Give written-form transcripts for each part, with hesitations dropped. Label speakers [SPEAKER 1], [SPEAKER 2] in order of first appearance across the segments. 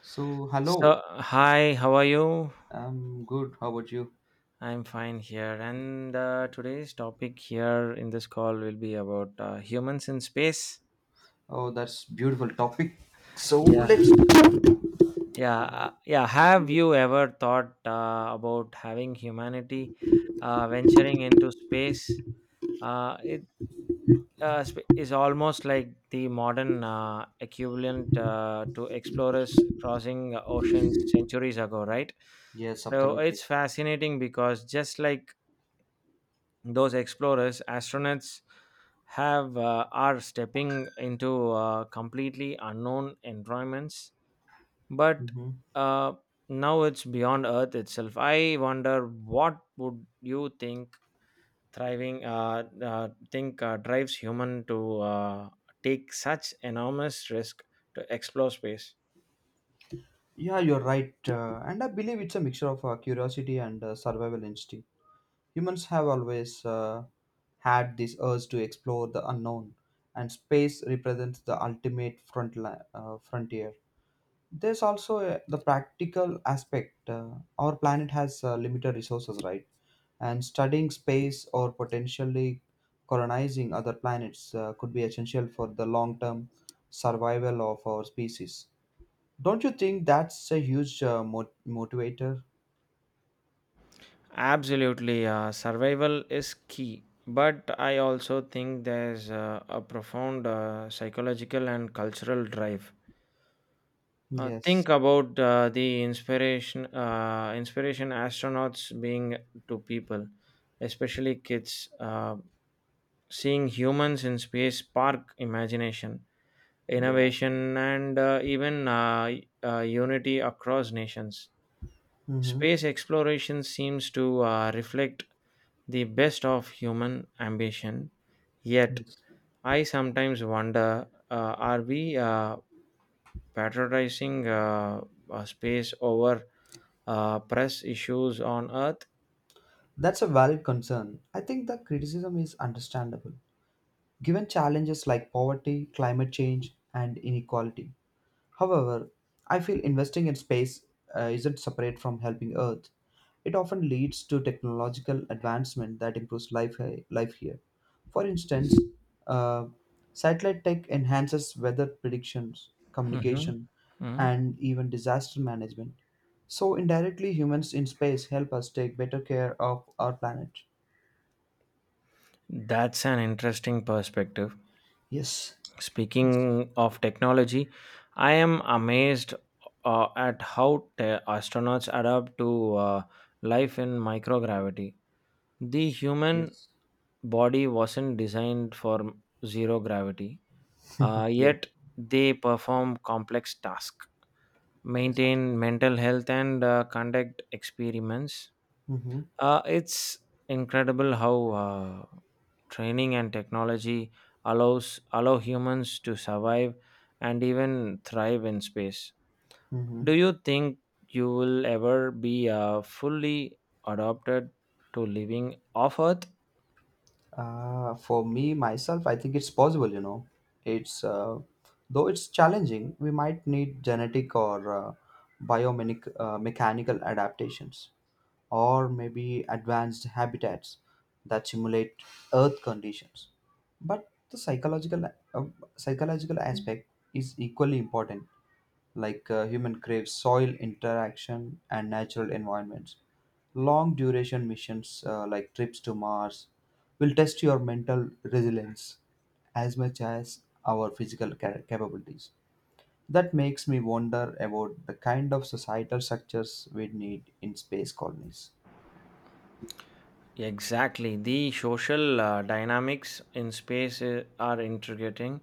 [SPEAKER 1] So,
[SPEAKER 2] So,
[SPEAKER 1] hello.
[SPEAKER 2] hi, how are you?
[SPEAKER 1] I'm good. How about you?
[SPEAKER 2] I'm fine here. And today's topic here in this call will be about humans in space.
[SPEAKER 1] Oh, that's beautiful topic. So
[SPEAKER 2] Yeah,
[SPEAKER 1] let's.
[SPEAKER 2] yeah, yeah. Have you ever thought about having humanity venturing into space? Uh, it is almost like the modern equivalent to explorers crossing oceans centuries ago, right?
[SPEAKER 1] Yes,
[SPEAKER 2] So
[SPEAKER 1] absolutely.
[SPEAKER 2] it's fascinating because just like those explorers astronauts have are stepping into completely unknown environments but
[SPEAKER 1] hmm
[SPEAKER 2] uh, now it's beyond earth itself. I wonder, what would you think thriving think drives human to take such enormous risk to explore space?
[SPEAKER 1] Yeah, you're right. And I believe it's a mixture of curiosity and survival instinct. Humans have always had this urge to explore the unknown, and space represents the ultimate frontier. There's also the practical aspect. Our planet has limited resources, right? And studying space or potentially colonizing other planets could be essential for the long term survival of our species. Don't you think that's a huge motivator?
[SPEAKER 2] Absolutely, survival is key. But I also think there's a profound psychological and cultural drive.
[SPEAKER 1] Yes.
[SPEAKER 2] Think about inspiration astronauts being to people, especially kids. Seeing humans in space spark imagination
[SPEAKER 1] Yeah.
[SPEAKER 2] innovation, and even unity across nations.
[SPEAKER 1] Mm-hmm.
[SPEAKER 2] Space exploration seems to reflect the best of human ambition. Yet,
[SPEAKER 1] Yes.
[SPEAKER 2] I sometimes wonder, are we patronizing space over press issues on Earth?
[SPEAKER 1] That's a valid concern. I think the criticism is understandable, given challenges like poverty, climate change, and inequality. However, I feel investing in space isn't separate from helping Earth. It often leads to technological advancement that improves life here. For instance, uh, satellite tech enhances weather predictions,
[SPEAKER 2] Mm-hmm.
[SPEAKER 1] communication, and even disaster management. So, indirectly, humans in space help us take better care of our planet.
[SPEAKER 2] That's an interesting perspective.
[SPEAKER 1] Yes.
[SPEAKER 2] Speaking of technology, I am amazed at how astronauts adapt to life in microgravity. The human
[SPEAKER 1] Yes.
[SPEAKER 2] body wasn't designed for zero gravity,
[SPEAKER 1] Yeah.
[SPEAKER 2] yet they perform complex tasks,
[SPEAKER 1] Yes.
[SPEAKER 2] maintain mental health, and conduct experiments.
[SPEAKER 1] Mm-hmm.
[SPEAKER 2] It's incredible how training and technology allow humans to survive and even thrive in space. Do
[SPEAKER 1] Mm-hmm.
[SPEAKER 2] you think you will ever be fully adapted to living off Earth?
[SPEAKER 1] For me, myself, I think it's possible, you know. It's though it's challenging, we might need genetic or biomechanical mechanical adaptations, or maybe advanced habitats that simulate Earth conditions. But the uh, psychological aspect is equally important, like human craves soil interaction and natural environments. Long duration missions like trips to Mars will test your mental resilience as much as our physical capabilities. That makes me wonder about the kind of societal structures we need in space colonies.
[SPEAKER 2] Exactly. The social dynamics in space are intriguing.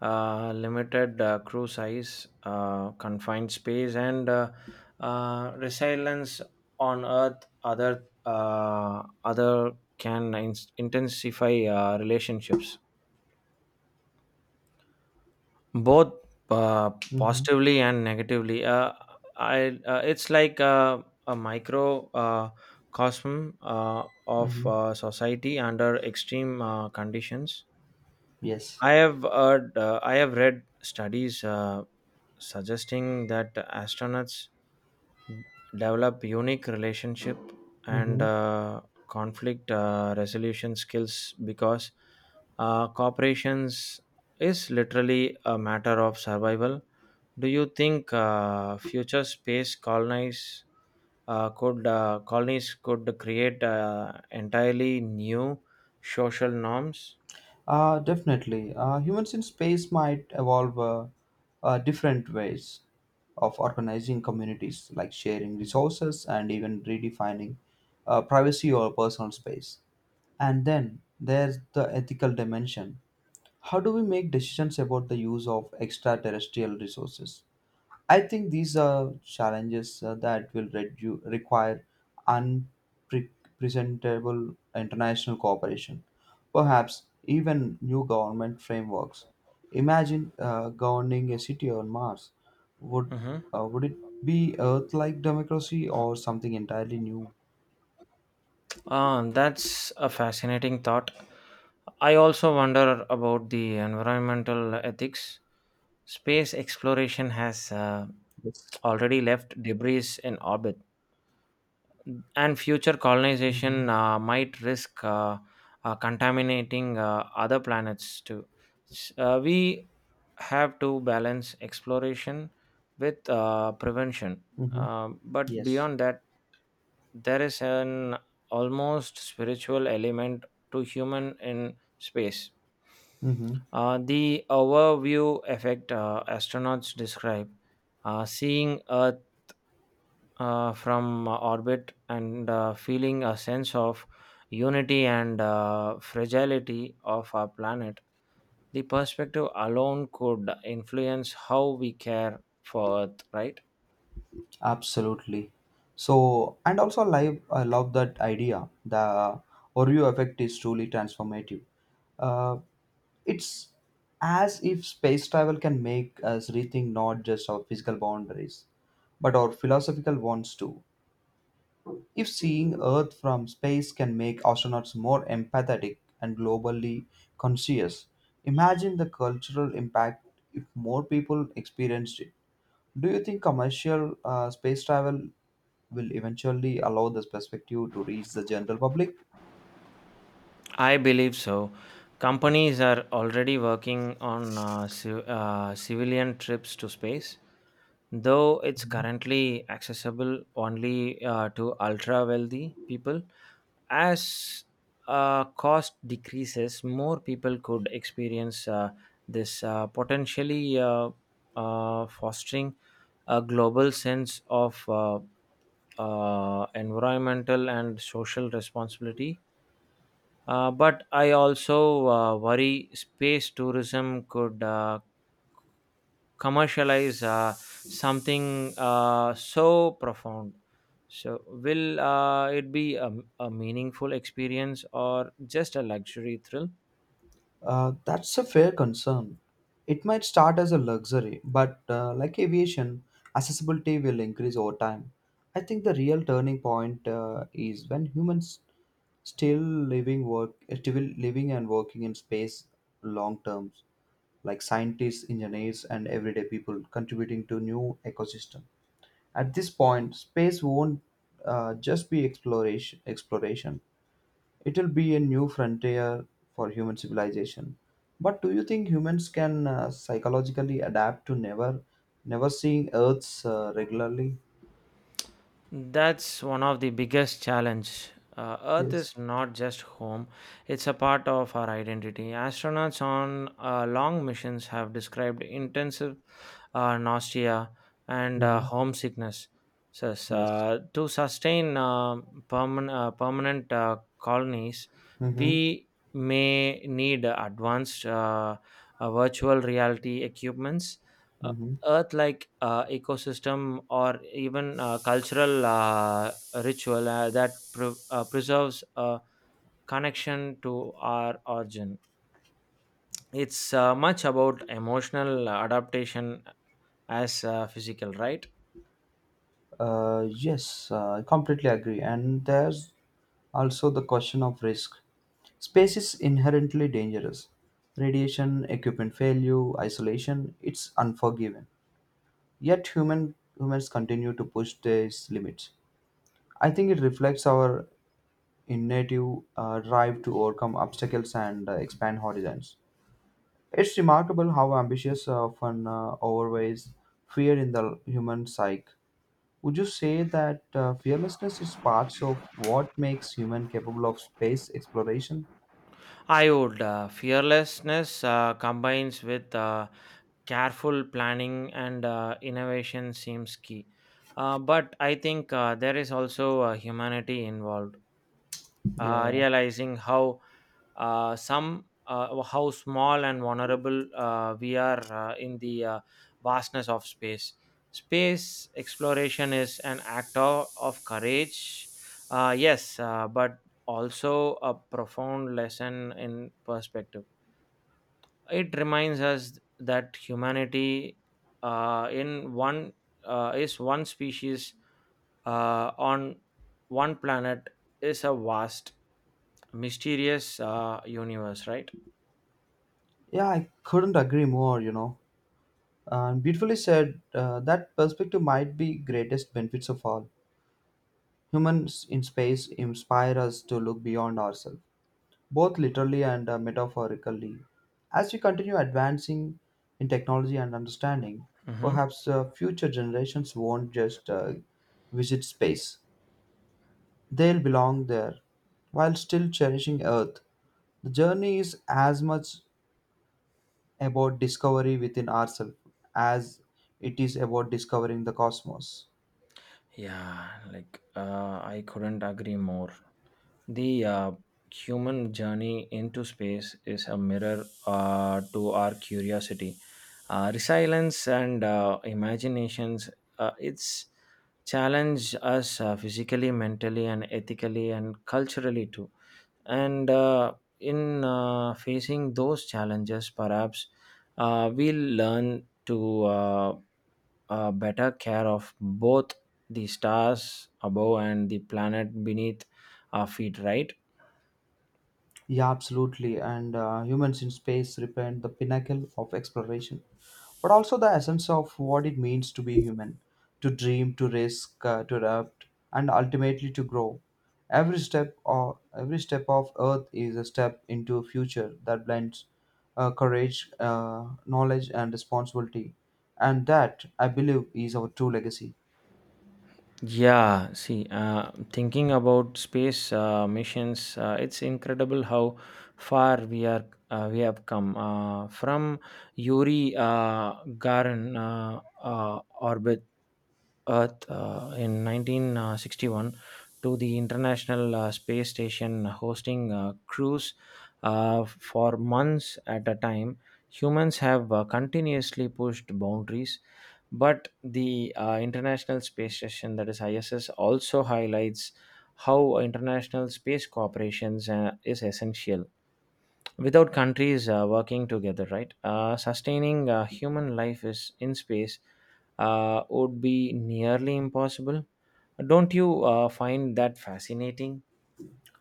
[SPEAKER 2] Limited crew size, confined space, and resilience on Earth. Other can intensify relationships, both uh,
[SPEAKER 1] Mm-hmm.
[SPEAKER 2] positively and negatively. I It's like a micro cosm of
[SPEAKER 1] Mm-hmm.
[SPEAKER 2] society under extreme conditions.
[SPEAKER 1] Yes.
[SPEAKER 2] I have read studies suggesting that astronauts develop unique relationship and
[SPEAKER 1] Mm-hmm.
[SPEAKER 2] uh, conflict resolution skills because corporations is literally a matter of survival. Do you think future space colonies could create entirely new social norms?
[SPEAKER 1] Definitely. Humans in space might evolve different ways of organizing communities, like sharing resources and even redefining privacy or personal space. And then there's the ethical dimension. How do we make decisions about the use of extraterrestrial resources? I think these are challenges that will require unpresentable international cooperation, perhaps even new government frameworks. Imagine governing a city on Mars. Would
[SPEAKER 2] Mhm.
[SPEAKER 1] would it be Earth-like democracy or something entirely new?
[SPEAKER 2] Ah, that's a fascinating thought. I also wonder about the environmental ethics. Space exploration has
[SPEAKER 1] Yes.
[SPEAKER 2] already left debris in orbit, and future colonization
[SPEAKER 1] Mm-hmm.
[SPEAKER 2] might risk contaminating other planets too. We have to balance exploration with prevention.
[SPEAKER 1] Mm-hmm.
[SPEAKER 2] But
[SPEAKER 1] Yes.
[SPEAKER 2] beyond that, there is an almost spiritual element to human in space.
[SPEAKER 1] Mm-hmm.
[SPEAKER 2] The overview effect astronauts describe, seeing Earth from orbit and feeling a sense of unity and fragility of our planet. The perspective alone could influence how we care for Earth, right?
[SPEAKER 1] Absolutely. So, and also live, I love that idea. The Oreo effect is truly transformative. Uh, it's as if space travel can make us rethink not just our physical boundaries, but our philosophical ones too. If seeing Earth from space can make astronauts more empathetic and globally conscious, imagine the cultural impact if more people experienced it. Do you think commercial space travel will eventually allow this perspective to reach the general public?
[SPEAKER 2] I believe so. Companies are already working on civilian trips to space, though it's currently accessible only to ultra wealthy people. As cost decreases, more people could experience this, potentially fostering a global sense of environmental and social responsibility. But I also worry space tourism could commercialize something so profound. So, will it be a meaningful experience or just a luxury thrill?
[SPEAKER 1] That's a fair concern. It might start as a luxury, but like aviation, accessibility will increase over time. I think the real turning point is when humans still still living and working in space long terms, like scientists, engineers, and everyday people contributing to new ecosystem. At this point space won't just be exploration. It'll be a new frontier for human civilization. But do you think humans can psychologically adapt to never, never seeing Earths regularly?
[SPEAKER 2] That's one of the biggest challenge. Earth
[SPEAKER 1] Yes.
[SPEAKER 2] is not just home; it's a part of our identity. Astronauts on long missions have described intensive nausea and
[SPEAKER 1] hmm
[SPEAKER 2] homesickness says,
[SPEAKER 1] Yes.
[SPEAKER 2] to sustain permanent colonies.
[SPEAKER 1] Mm-hmm.
[SPEAKER 2] We may need advanced virtual reality equipments, Uh,
[SPEAKER 1] Mm-hmm.
[SPEAKER 2] earth like ecosystem or even cultural ritual that preserves a connection to our origin. It's much about emotional adaptation as physical, right?
[SPEAKER 1] Yes, I completely agree. And there's also the question of risk. Space is inherently dangerous. Radiation, equipment failure, isolation, it's unforgiving. Yet humans continue to push these limits. I think it reflects our innate drive to overcome obstacles and expand horizons. It's remarkable how ambitious often outweighs fear in the human psyche. Would you say that fearlessness is part of what makes human capable of space exploration?
[SPEAKER 2] I would Fearlessness combines with careful planning and innovation seems key. But I think there is also humanity involved,
[SPEAKER 1] Yeah,
[SPEAKER 2] realizing how some how small and vulnerable we are in the vastness of space. Space exploration is an act of courage, yes, but also a profound lesson in perspective. It reminds us that humanity, in one is one species on one planet, is a vast mysterious universe, right?
[SPEAKER 1] yeah, I couldn't agree more. You know, and beautifully said. That perspective might be greatest benefits of all. Humans in space inspire us to look beyond ourselves, both literally and metaphorically. As we continue advancing in technology and understanding,
[SPEAKER 2] Hmm.
[SPEAKER 1] perhaps future generations won't just visit space, they'll belong there while still cherishing Earth. The journey is as much about discovery within ourselves as it is about discovering the cosmos.
[SPEAKER 2] Yeah, I couldn't agree more. The human journey into space is a mirror to our curiosity, resilience, and imaginations. It's challenged us physically, mentally, and ethically, and culturally too. And in facing those challenges, perhaps we'll learn to better care of both the stars above and the planet beneath our feet, right?
[SPEAKER 1] Yeah, absolutely. And humans in space represent the pinnacle of exploration, but also the essence of what it means to be human, to dream, to risk, to adapt, and ultimately to grow. Every step of earth is a step into a future that blends courage, knowledge, and responsibility, and that I believe is our true legacy.
[SPEAKER 2] Yeah, see, thinking about space missions, it's incredible how far we are we have come from Yuri Gagarin orbit Earth in 1961 to the International Space Station, hosting crews for months at a time. Humans have continuously pushed boundaries, but the International Space Station, that is ISS, also highlights how international space cooperation is essential without countries working together, right? Sustaining human life is in space would be nearly impossible. Don't you find that fascinating?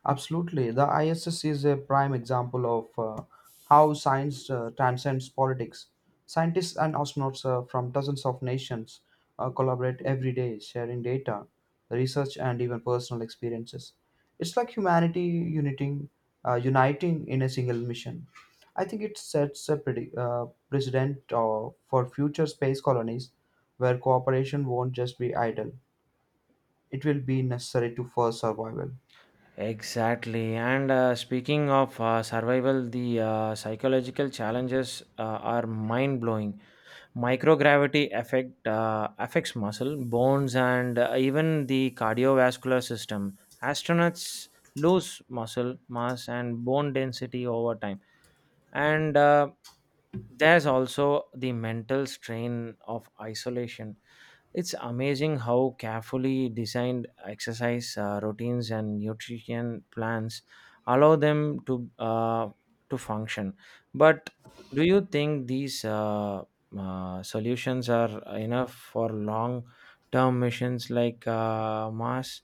[SPEAKER 1] Absolutely. The ISS is a prime example of how science transcends politics. Scientists and astronauts from dozens of nations collaborate every day, sharing data, research, and even personal experiences. It's like humanity uniting in a single mission. I think it sets a precedent for future space colonies where cooperation won't just be idle, it will be necessary to for survival.
[SPEAKER 2] Exactly. And speaking of survival, the psychological challenges are mind blowing. Microgravity affects muscle, bones, and even the cardiovascular system. Astronauts lose muscle mass and bone density over time. And there's also the mental strain of isolation. It's amazing how carefully designed exercise routines and nutrition plans allow them to function. But do you think these solutions are enough for long term missions like mars?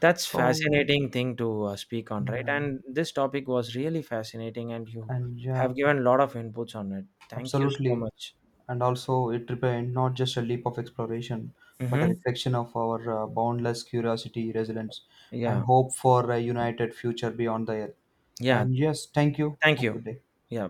[SPEAKER 2] That's
[SPEAKER 1] So,
[SPEAKER 2] fascinating thing to speak on, right?
[SPEAKER 1] yeah.
[SPEAKER 2] And this topic was really fascinating and you
[SPEAKER 1] And yeah,
[SPEAKER 2] have given a lot of inputs on it. Thank you so
[SPEAKER 1] absolutely.
[SPEAKER 2] much.
[SPEAKER 1] And also, it represents not just a leap of exploration, but a
[SPEAKER 2] Mm-hmm.
[SPEAKER 1] reflection of our boundless curiosity, resilience, and
[SPEAKER 2] Yeah.
[SPEAKER 1] hope for a united future beyond the earth.
[SPEAKER 2] Yeah.
[SPEAKER 1] And yes, thank you.
[SPEAKER 2] Thank
[SPEAKER 1] Have a
[SPEAKER 2] you.
[SPEAKER 1] good day.
[SPEAKER 2] Yeah.